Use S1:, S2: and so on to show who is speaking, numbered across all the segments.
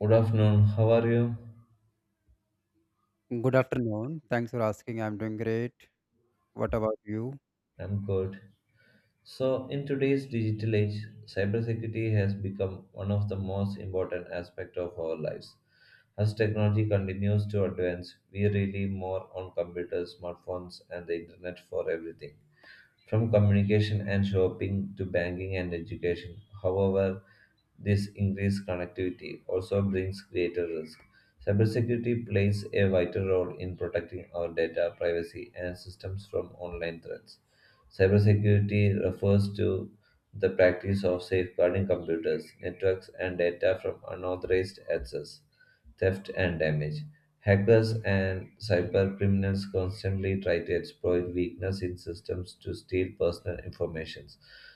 S1: Good afternoon, how are you?
S2: Good afternoon. Thanks for asking. I'm doing great. What about you?
S1: I'm good. So, in today's digital age, cybersecurity has become one of the most important aspects of our lives. As technology continues to advance, we rely more on computers, smartphones, and the internet for everything. From communication and shopping to banking and education. However, this increased connectivity also brings greater risk. Cybersecurity plays a vital role in protecting our data, privacy, and systems from online threats. Cybersecurity refers to the practice of safeguarding computers, networks, and data from unauthorized access, theft, and damage. Hackers and cyber criminals constantly try to exploit weaknesses in systems to steal personal information,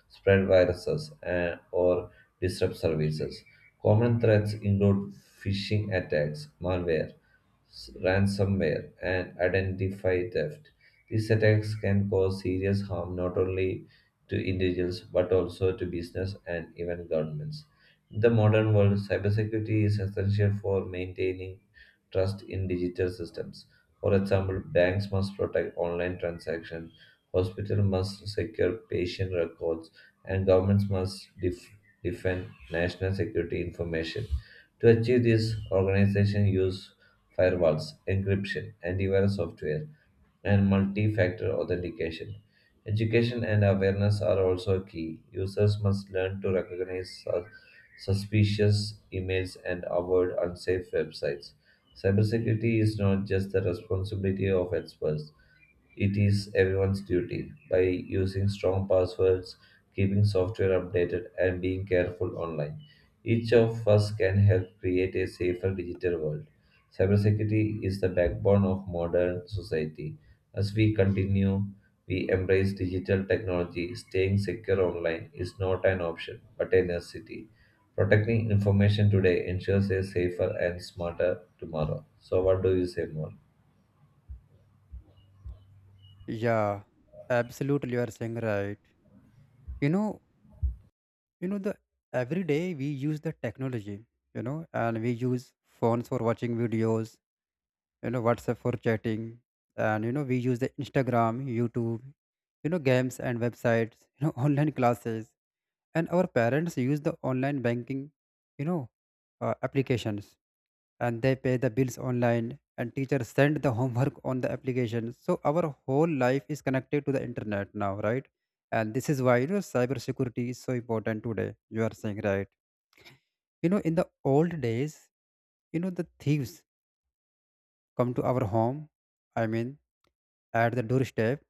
S1: spread viruses, and, or disrupt services. Common threats include phishing attacks, malware, ransomware, and identity theft. These attacks can cause serious harm not only to individuals but also to business and even governments. In the modern world, cybersecurity is essential for maintaining trust in digital systems. For example, banks must protect online transactions, hospitals must secure patient records, and governments must defend national security information. To achieve this, organizations use firewalls, encryption, antivirus software, and multi factor authentication. Education and awareness are also key. Users must learn to recognize suspicious emails and avoid unsafe websites. Cybersecurity is not just the responsibility of experts, it is everyone's duty. By using strong passwords, keeping software updated, and being careful online, each of us can help create a safer digital world. Cybersecurity is the backbone of modern society. As we continue, we embrace digital technology. Staying secure online is not an option, but a necessity. Protecting information today ensures a safer and smarter tomorrow. So, what do you say more?
S2: Yeah, absolutely. You are saying right. You know, the every day we use the technology. And we use phones for watching videos. WhatsApp for chatting, and we use the Instagram, YouTube. Games and websites. Online classes. And our parents use the online banking, you know applications, and they pay the bills online, and teachers send the homework on the application, so our whole life is connected to the internet now, right? And this is why, cybersecurity is so important today. You are saying right. In the old days, the thieves come to our home. I mean, at the doorstep.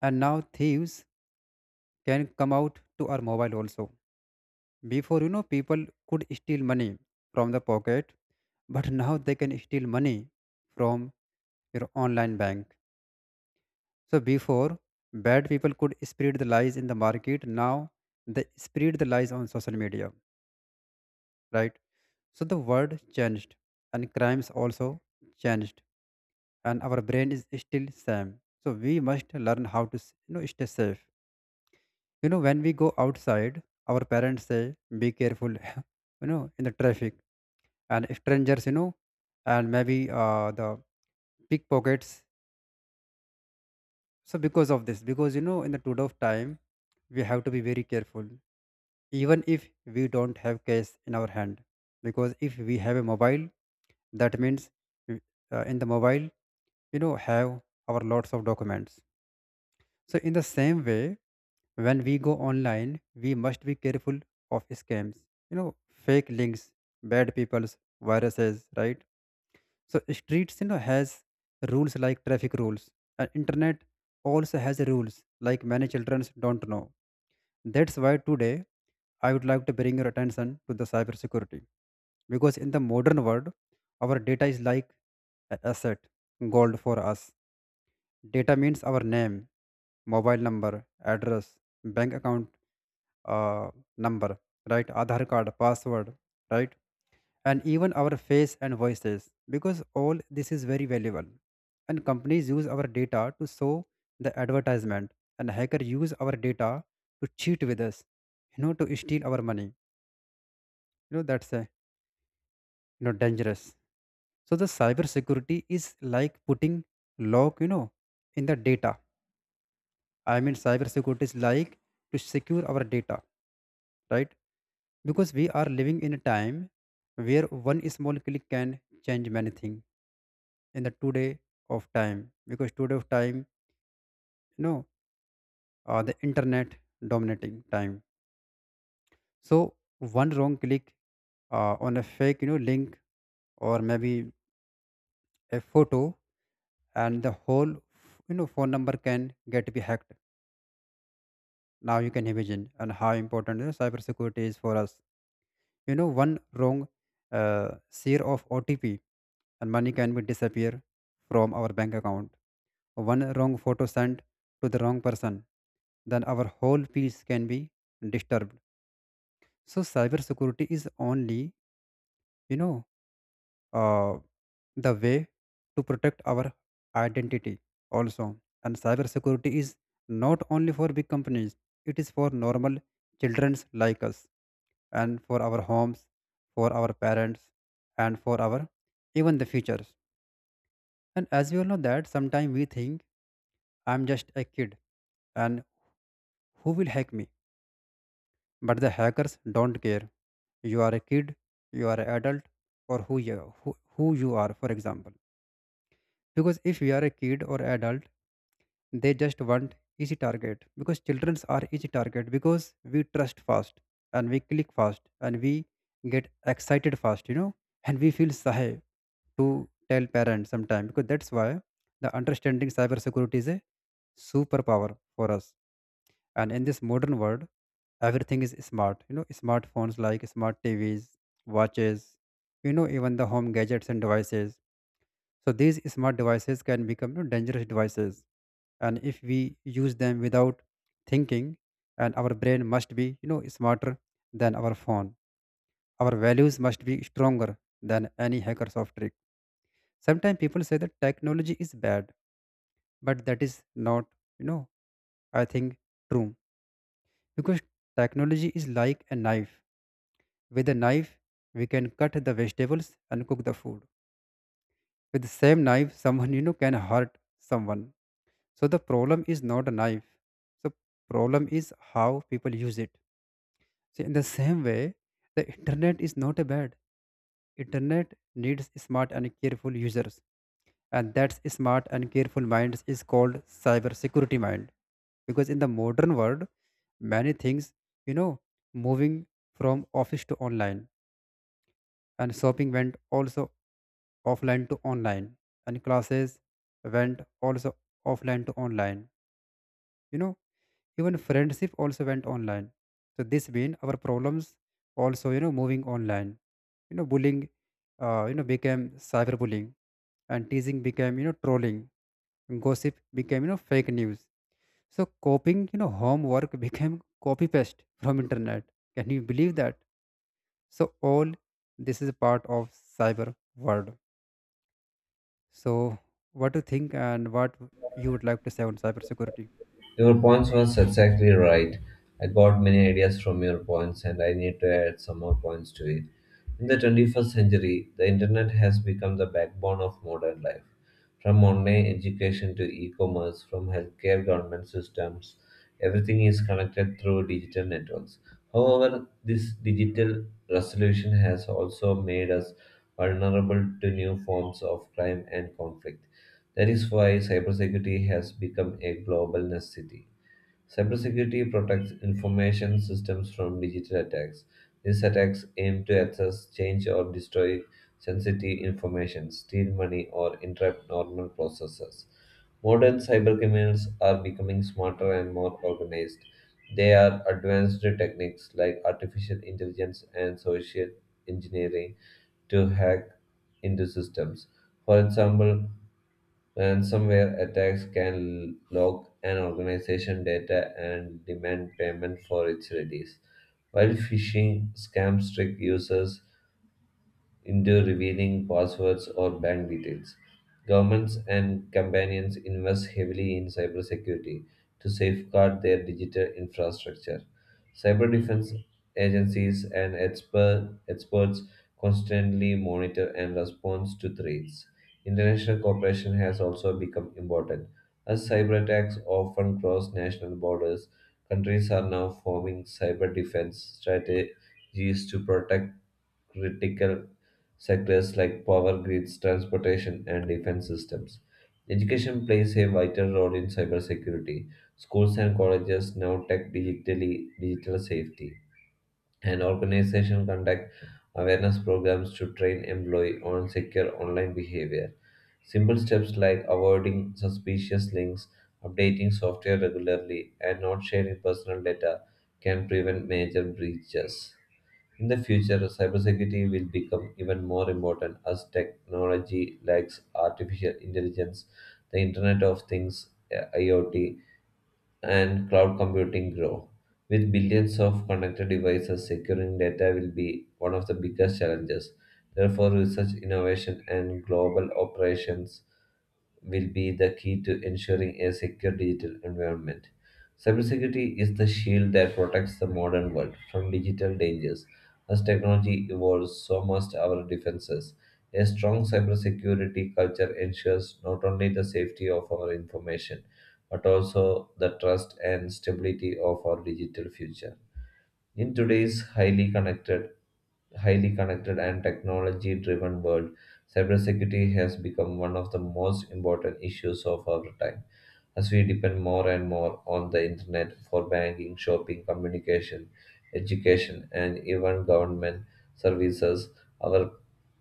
S2: And now thieves can come out to our mobile also. Before, people could steal money from the pocket, but now they can steal money from your online bank. So, before, bad people could spread the lies in the market. Now, they spread the lies on social media, right? So, the world changed and crimes also changed, and our brain is still same. So, we must learn how to, stay safe. When we go outside, our parents say, be careful, in the traffic, and strangers, and maybe the pickpockets. So because of this, because in the today of time, we have to be very careful, even if we don't have cash in our hand, because if we have a mobile, that means we- in the mobile have our lots of documents. So in the same way, when we go online, we must be careful of scams, you know fake links, bad people's viruses, right? So streets, has rules like traffic rules. And internet also has rules like many children don't know. That's why today I would like to bring your attention to the cybersecurity. Because in the modern world, our data is like an asset, gold for us. Data means our name, mobile number, address, bank account uh, number, right? Aadhaar card, password, right? And even our face and voices, because all this is very valuable. And companies use our data to show the advertisement, and hacker use our data to cheat with us, to steal our money. That's a, dangerous. So the cyber security is like putting lock, in the data. I mean, cyber security is like to secure our data, right? Because we are living in a time where one small click can change many things in the today of time. Because today of time, know the internet dominating time. So one wrong click on a fake, link, or maybe a photo, and the whole, phone number can get be hacked. Now you can imagine and how important, cybersecurity is for us. One wrong uh, share of OTP, and money can be disappear from our bank account. One wrong photo sent to the wrong person, then our whole peace can be disturbed. So cybersecurity is only, you know, uh, the way to protect our identity also. And cybersecurity is not only for big companies, it is for normal childrens like us and for our homes, for our parents and for our even the futures. And as we all know that sometimes we think, I'm just a kid and who will hack me? But the hackers don't care. You are a kid, you are an adult, or who you are, for example. Because if you are a kid or adult, they just want easy target. Because childrens are easy target because we trust fast, and we click fast, and we get excited fast, and we feel shy to tell parents sometimes, because that's why the understanding cybersecurity is a superpower for us. And in this modern world, everything is smart, smartphones, like smart TVs, watches, even the home gadgets and devices. So these smart devices can become, dangerous devices, and if we use them without thinking. And our brain must be, smarter than our phone. Our values must be stronger than any hacker soft trick. Sometimes people say that technology is bad, but that is not, you know I think, true. Because technology is like a knife. With a knife, we can cut the vegetables and cook the food. With the same knife, someone, can hurt someone. So the problem is not a knife. So problem is how people use it. So in the same way, the internet is not a bad. Internet needs smart and careful users. And that smart and careful minds is called cybersecurity mind. Because in the modern world, many things, you know, moving from office to online, and shopping went also offline to online, and classes went also offline to online, you know even friendship also went online. So this mean our problems also, moving online. Bullying, became cyberbullying, and teasing became, trolling, and gossip became, fake news. So coping, homework became copy paste from internet. Can you believe that? So all this is a part of cyber world. So, what do you think and what you would like to say on cybersecurity?
S1: Your points was exactly right. I got many ideas from your points and I need to add some more points to it. In the 21st century, the internet has become the backbone of modern life. From online education to e-commerce, from healthcare government systems, everything is connected through digital networks. However, this digital resolution has also made us vulnerable to new forms of crime and conflict. That is why cybersecurity has become a global necessity. Cybersecurity protects information systems from digital attacks. These attacks aim to access, change, or destroy sensitive information, steal money, or interrupt normal processes. Modern cybercriminals are becoming smarter and more organized. They are advanced techniques like artificial intelligence and social engineering to hack into systems. For example, ransomware attacks can log an organization's data and demand payment for its release, while phishing scams trick users into revealing passwords or bank details. Governments and companies invest heavily in cybersecurity to safeguard their digital infrastructure. Cyber defense agencies and experts constantly monitor and respond to threats. International cooperation has also become important. As cyber attacks often cross national borders, countries are now forming cyber defense strategies to protect critical sectors like power grids, transportation, and defense systems. Education plays a vital role in cybersecurity. Schools and colleges now tech digitally digital safety, and organizations conduct awareness programs to train employees on secure online behavior. Simple steps like avoiding suspicious links, updating software regularly, and not sharing personal data can prevent major breaches. In the future, cybersecurity will become even more important as technology like artificial intelligence, the Internet of Things, IoT, and cloud computing grow. With billions of connected devices, securing data will be one of the biggest challenges. Therefore, research, innovation, and global operations will be the key to ensuring a secure digital environment. Cybersecurity is the shield that protects the modern world from digital dangers. As technology evolves, so must our defenses. A strong cybersecurity culture ensures not only the safety of our information, but also the trust and stability of our digital future. In today's highly connected and technology-driven world, cybersecurity has become one of the most important issues of our time. As we depend more and more on the internet for banking, shopping, communication, education, and even government services, our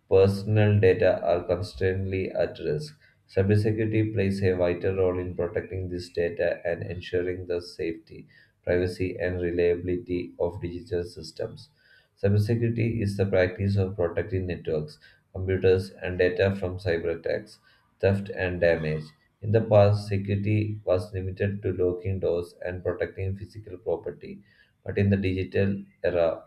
S1: personal data are constantly at risk. Cybersecurity plays a vital role in protecting this data and ensuring the safety, privacy, and reliability of digital systems. Cybersecurity is the practice of protecting networks, computers, and data from cyber attacks, theft, and damage. In the past, security was limited to locking doors and protecting physical property, but in the digital era,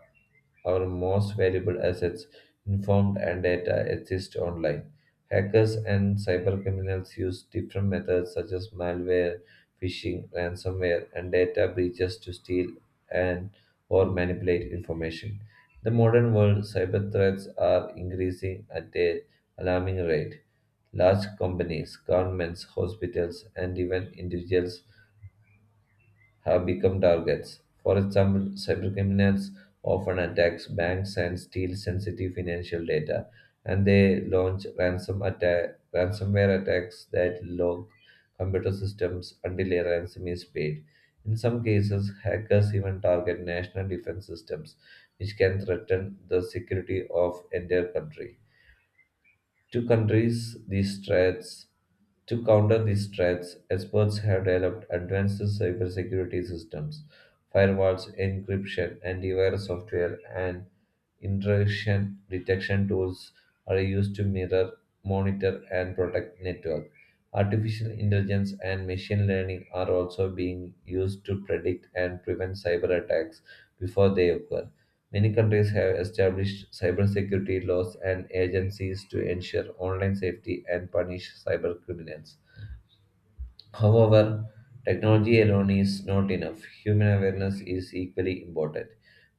S1: our most valuable assets, informed and data, exist online. Hackers and cybercriminals use different methods such as malware, phishing, ransomware, and data breaches to steal and or manipulate information. The modern world, cyber threats are increasing at an alarming rate. Large companies, governments, hospitals, and even individuals have become targets. For example, cybercriminals often attack banks and steal sensitive financial data, and they launch ransomware attacks that lock computer systems until a ransom is paid. In some cases, hackers even target national defense systems, which can threaten the security of entire country. To countries these threats, to counter these threats, experts have developed advanced cybersecurity systems. Firewalls, encryption, antivirus software, and intrusion detection tools are used to monitor, and protect network. Artificial intelligence and machine learning are also being used to predict and prevent cyber attacks before they occur. Many countries have established cybersecurity laws and agencies to ensure online safety and punish cyber criminals. However, technology alone is not enough. Human awareness is equally important.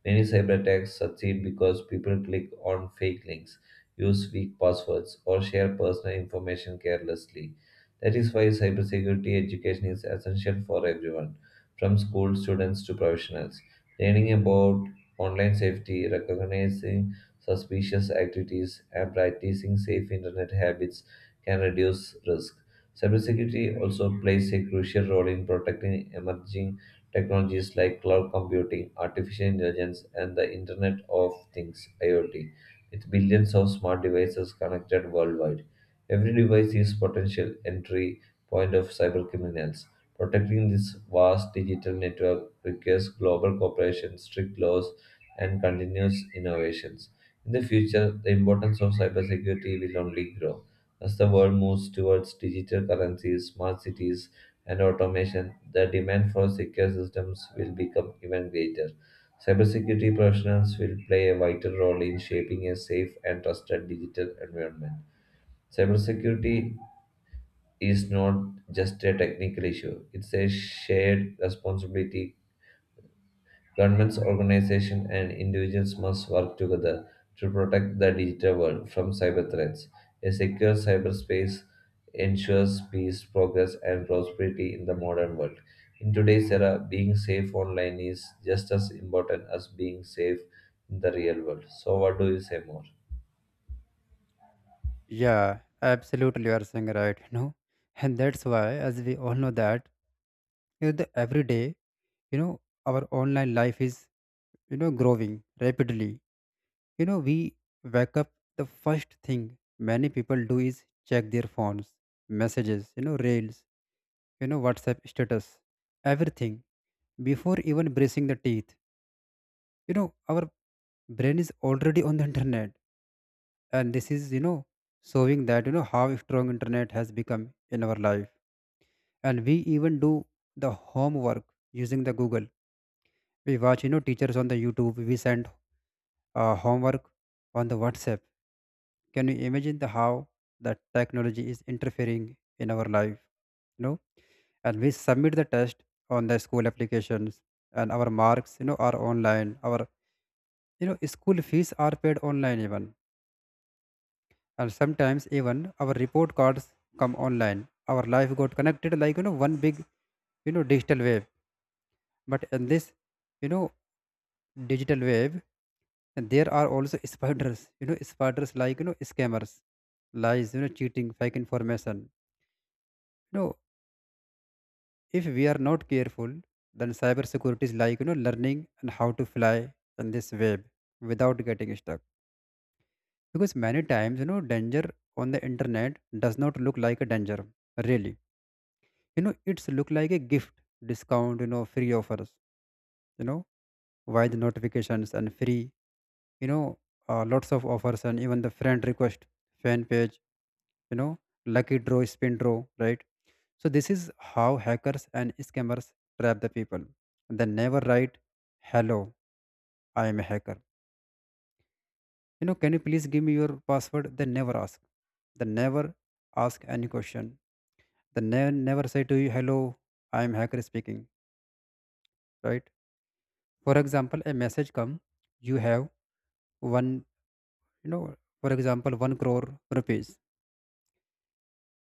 S1: Many cyber attacks succeed because people click on fake links, use weak passwords, or share personal information carelessly. That is why cybersecurity education is essential for everyone, from school students to professionals. Learning about online safety, recognizing suspicious activities, and practicing safe internet habits can reduce risk. Cybersecurity also plays a crucial role in protecting emerging technologies like cloud computing, artificial intelligence, and the Internet of Things (IoT), with billions of smart devices connected worldwide. Every device is potential entry point of cybercriminals. Protecting this vast digital network requires global cooperation, strict laws, and continuous innovations. In the future, the importance of cybersecurity will only grow. As the world moves towards digital currencies, smart cities, and automation, the demand for secure systems will become even greater. Cybersecurity professionals will play a vital role in shaping a safe and trusted digital environment. Cybersecurity is not just a technical issue, it's a shared responsibility. Governments, organizations, and individuals must work together to protect the digital world from cyber threats. A secure cyberspace ensures peace, progress, and prosperity in the modern world. In today's era, being safe online is just as important as being safe in the real world. So, what do you say more?
S2: Yeah, absolutely, you are saying right, and that's why, as we all know that, the every day, you know, our online life is, growing rapidly. We wake up, the first thing many people do is check their phones, messages, rails, WhatsApp status, everything before even brushing the teeth. Our brain is already on the internet, and this is, showing that, how strong internet has become in our life. And we even do the homework using the Google. We watch, teachers on the YouTube. We send homework on the WhatsApp. Can you imagine the how the technology is interfering in our life know and we submit the test on the school applications, and our marks, are online. Our, school fees are paid online even, and sometimes even our report cards come online. Our life got connected like, one big, digital wave. But in this, you know digital wave there are also spiders spiders, like, scammers, lies, cheating, fake information you know if we are not careful, then cyber security is like, learning and how to fly in this web without getting stuck. Because many times, danger on the internet does not look like a danger, really, it's look like a gift, discount, free offers you know why the notifications and free, know lots of offers, and even the friend request, fan page, you know lucky draw, spin draw, right? So this is how hackers and scammers trap the people. They never write, hello, I am a hacker, can you please give me your password. They never ask. They never ask any question. They never say to you, hello, I am hacker speaking, right? For example, a message come, you have one, know for example, 1 crore rupees.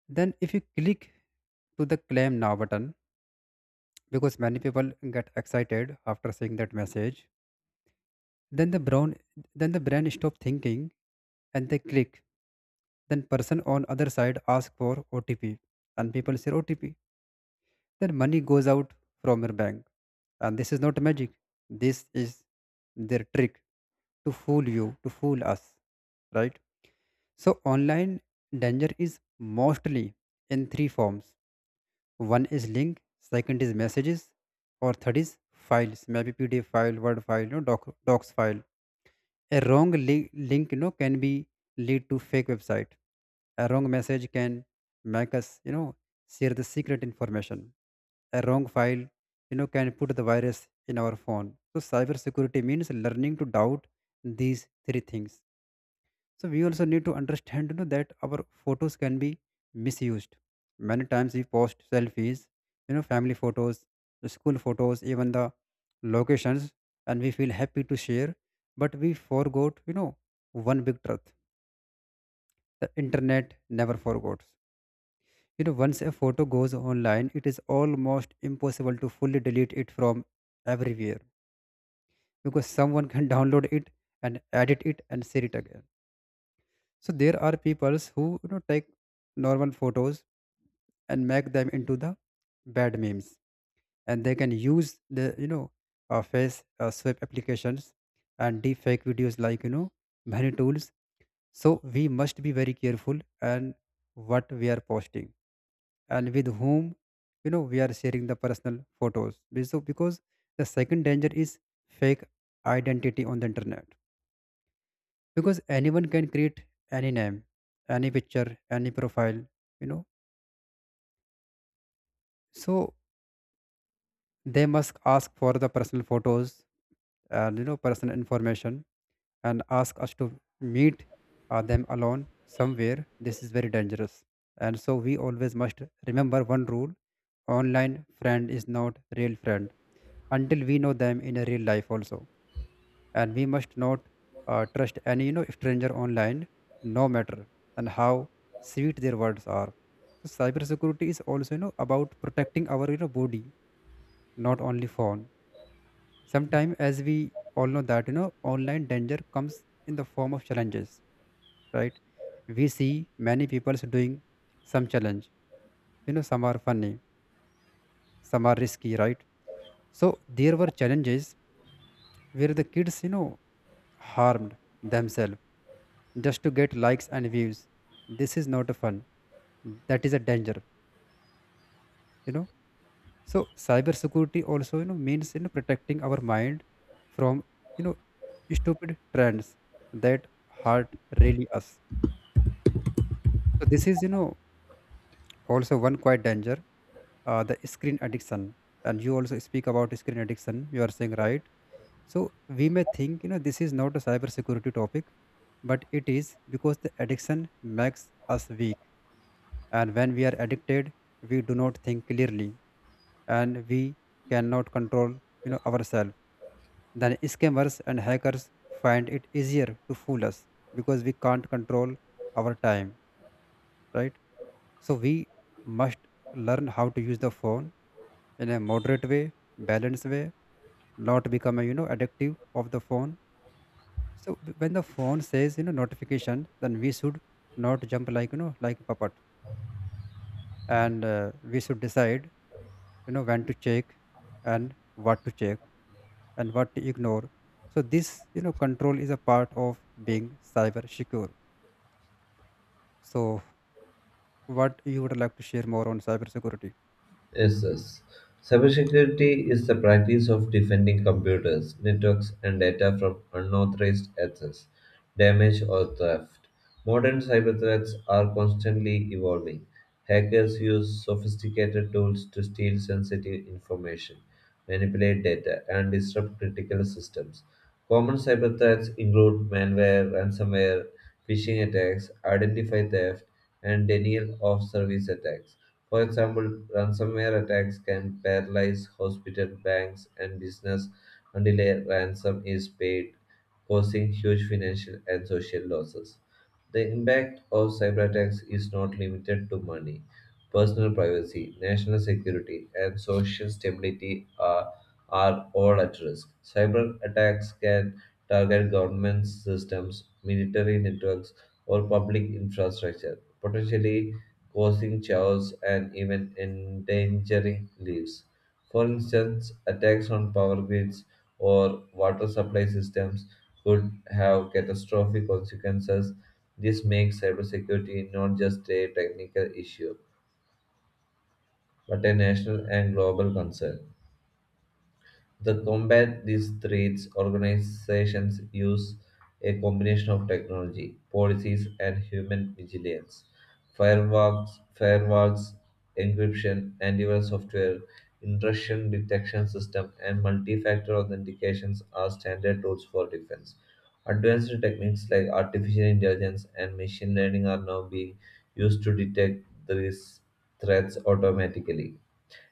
S2: Then if you click to the claim now button, because many people get excited after seeing that message, then the brown then the brain stop thinking and they click. Then person on other side ask for OTP, and people say OTP. Then money goes out from your bank. And this is not magic, this is their trick to fool you, to fool us, right? So, online danger is mostly in three forms. One is link, second is messages, or third is files, maybe PDF file, Word file, doc, docs file. A wrong link, can be lead to fake website. A wrong message can make us, share the secret information. A wrong file, can put the virus in our phone. So, cybersecurity means learning to doubt these three things. So we also need to understand, that our photos can be misused. Many times we post selfies, family photos, the school photos, even the locations, and we feel happy to share. But we forgot, one big truth. The internet never forgets. Once a photo goes online, it is almost impossible to fully delete it from everywhere, because someone can download it and edit it and share it again. So there are peoples who, take normal photos and make them into the bad memes, and they can use the, face swap applications and deep fake videos, like, many tools. So we must be very careful and what we are posting and with whom, we are sharing the personal photos. So because the second danger is fake identity on the internet, because anyone can create any name, any picture, any profile you know so they must ask for the personal photos, and, personal information, and ask us to meet them alone somewhere. This is very dangerous. And so we always must remember one rule. Online friend is not real friend until we know them in a real life also. And we must not trust any, stranger online, no matter and how sweet their words are. So cybersecurity is also, about protecting our, body, not only phone. Sometimes, as we all know that, online danger comes in the form of challenges, right? We see many people doing some challenge, some are funny, some are risky, right? So there were challenges where the kids, harmed themselves just to get likes and views. This is not fun. That is a danger, you know. So cybersecurity also, means, protecting our mind from, you know stupid trends that hurt really us. So this is, also one quite danger, the screen addiction. And you also speak about screen addiction. You are saying right. So we may think, this is not a cybersecurity topic, but it is, because the addiction makes us weak. And when we are addicted, we do not think clearly, and we cannot control, ourselves. Then scammers and hackers find it easier to fool us, because we can't control our time, right? So we must learn how to use the phone in a moderate way, balanced way, not become a, addictive of the phone. So when the phone says, notification, then we should not jump like, like a puppet, and we should decide, when to check and what to check and what to ignore. So this, control is a part of being cyber secure. So what you would like to share more on cyber security?
S1: Yes, yes. Cybersecurity is the practice of defending computers, networks, and data from unauthorized access, damage, or theft. Modern cyber threats are constantly evolving. Hackers use sophisticated tools to steal sensitive information, manipulate data, and disrupt critical systems. Common cyber threats include malware, ransomware, phishing attacks, identity theft, and denial of service attacks. For example, ransomware attacks can paralyze hospitals, banks, and business until a ransom is paid, causing huge financial and social losses. The impact of cyber attacks is not limited to money. Personal privacy, national security, and social stability are all at risk. Cyber attacks can target government systems, military networks, or public infrastructure, potentially causing chaos and even endangering lives. For instance, attacks on power grids or water supply systems could have catastrophic consequences. This makes cybersecurity not just a technical issue, but a national and global concern. To combat these threats, organizations use a combination of technology, policies, and human vigilance. Firewalls, firewalls, encryption, antivirus software, intrusion detection system, and multi-factor authentications are standard tools for defense. Advanced techniques like artificial intelligence and machine learning are now being used to detect these threats automatically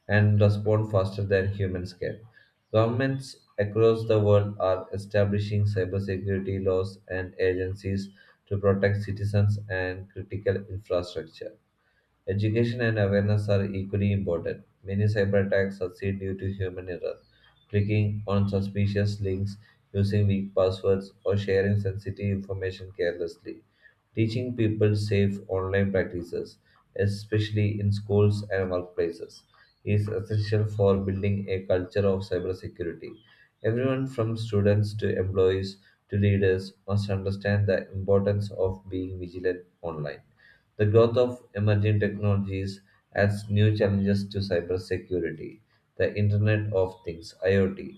S1: and respond faster than humans can. Governments across the world are establishing cybersecurity laws and agencies to protect citizens and critical infrastructure. Education and awareness are equally important. Many cyber attacks succeed due to human error. Clicking on suspicious links, using weak passwords, or sharing sensitive information carelessly. Teaching people safe online practices, especially in schools and workplaces, is essential for building a culture of cybersecurity. Everyone from students to employees to leaders must understand the importance of being vigilant online. The growth of emerging technologies adds new challenges to cybersecurity. The Internet of Things (IoT),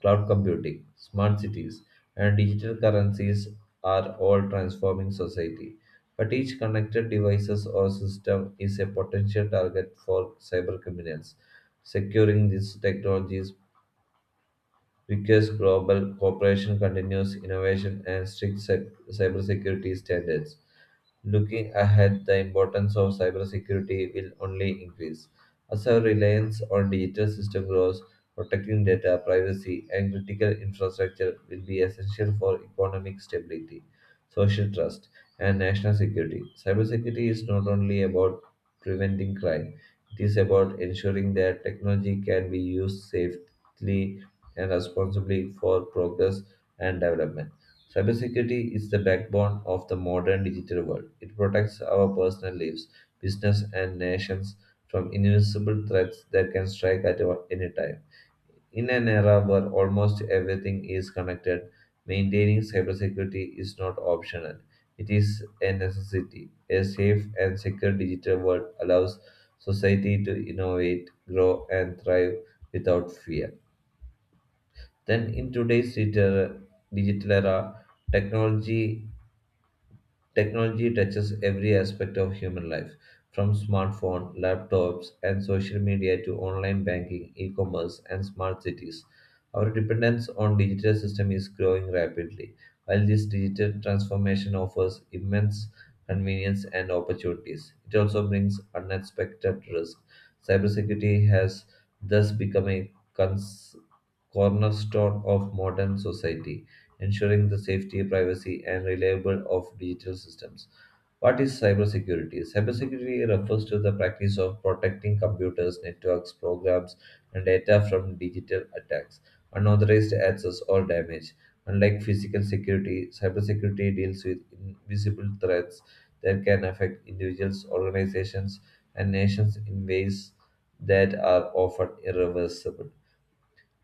S1: cloud computing, smart cities, and digital currencies are all transforming society. But each connected device or system is a potential target for cybercriminals. Securing these technologies requires global cooperation, continuous innovation, and strict cybersecurity standards. Looking ahead, the importance of cybersecurity will only increase. As our reliance on digital system grows, protecting data, privacy, and critical infrastructure will be essential for economic stability, social trust, and national security. Cybersecurity is not only about preventing crime, it is about ensuring that technology can be used safely and responsibly for progress and development. Cybersecurity is the backbone of the modern digital world. It protects our personal lives, business, and nations from invisible threats that can strike at any time. In an era where almost everything is connected, maintaining cybersecurity is not optional. It is a necessity. A safe and secure digital world allows society to innovate, grow, and thrive without fear. Then, in today's digital era, technology Technology touches every aspect of human life, from smartphones, laptops, and social media to online banking, e-commerce, and smart cities. Our dependence on digital system is growing rapidly. While this digital transformation offers immense convenience and opportunities, it also brings unexpected risk. Cybersecurity has thus become a cons- cornerstone of modern society, ensuring the safety, privacy, and reliability of digital systems. What is cybersecurity? Cybersecurity refers to the practice of protecting computers, networks, programs, and data from digital attacks, unauthorized access, or damage. Unlike physical security, cybersecurity deals with invisible threats that can affect individuals, organizations, and nations in ways that are often irreversible.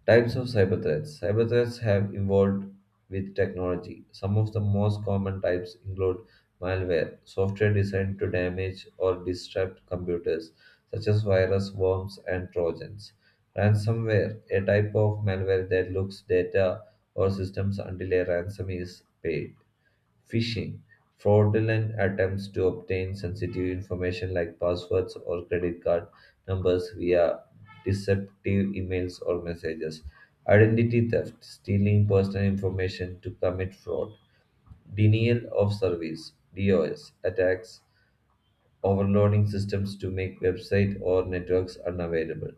S1: Types of cyber threats. Cyber threats have evolved with technology. Some of the most common types include malware, software designed to damage or disrupt computers, such as virus, worms, and trojans. Ransomware, a type of malware that looks data or systems until a ransom is paid. Phishing, fraudulent attempts to obtain sensitive information like passwords or credit card numbers via deceptive emails or messages. Identity theft, stealing personal information to commit fraud. Denial of service, DOS, attacks, overloading systems to make website or networks unavailable.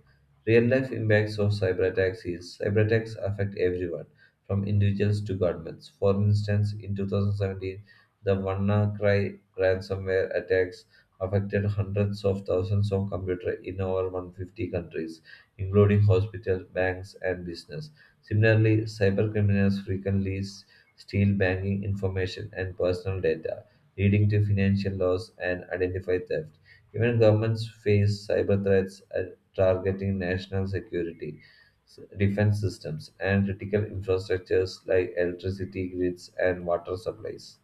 S1: Real life impacts of cyber attacks is cyber attacks affect everyone, from individuals to governments. For instance, in 2017, the WannaCry ransomware attacks affected hundreds of thousands of computers in over 150 countries, including hospitals, banks, and business. Similarly, cyber criminals frequently steal banking information and personal data, leading to financial loss and identity theft. Even governments face cyber threats at targeting national security, defense systems, and critical infrastructures like electricity grids and water supplies.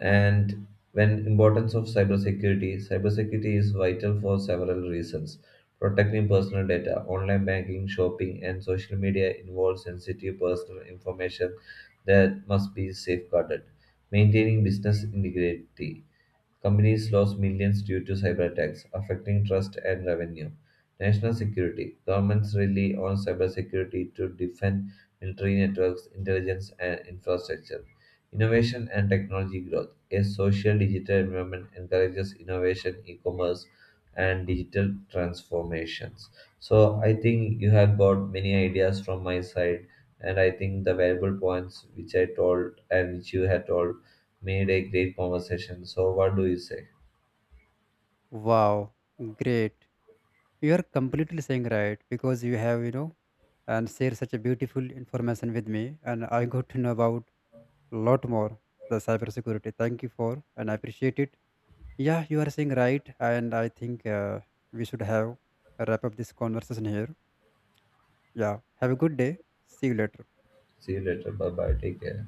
S1: And when importance of cybersecurity, cybersecurity is vital for several reasons. Protecting personal data, online banking, shopping, and social media involve sensitive personal information that must be safeguarded. Maintaining business integrity. Companies lost millions due to cyber attacks, affecting trust and revenue. National security. Governments rely on cybersecurity to defend military networks, intelligence, and infrastructure. Innovation and technology growth. A social digital environment encourages innovation, e commerce, and digital transformations. So, I think you have got many ideas from my side, and I think the valuable points which I told and which you had told made a great conversation. So, what do you say?
S2: Wow, great, you are completely saying right, because you have, and share such a beautiful information with me. And I got to know about a lot more the cyber security. Thank you for, and I appreciate it. Yeah, you are saying right, and I think, we should have wrap up this conversation here. Yeah. Have a good day. See you later.
S1: See you later. Bye bye. Take care.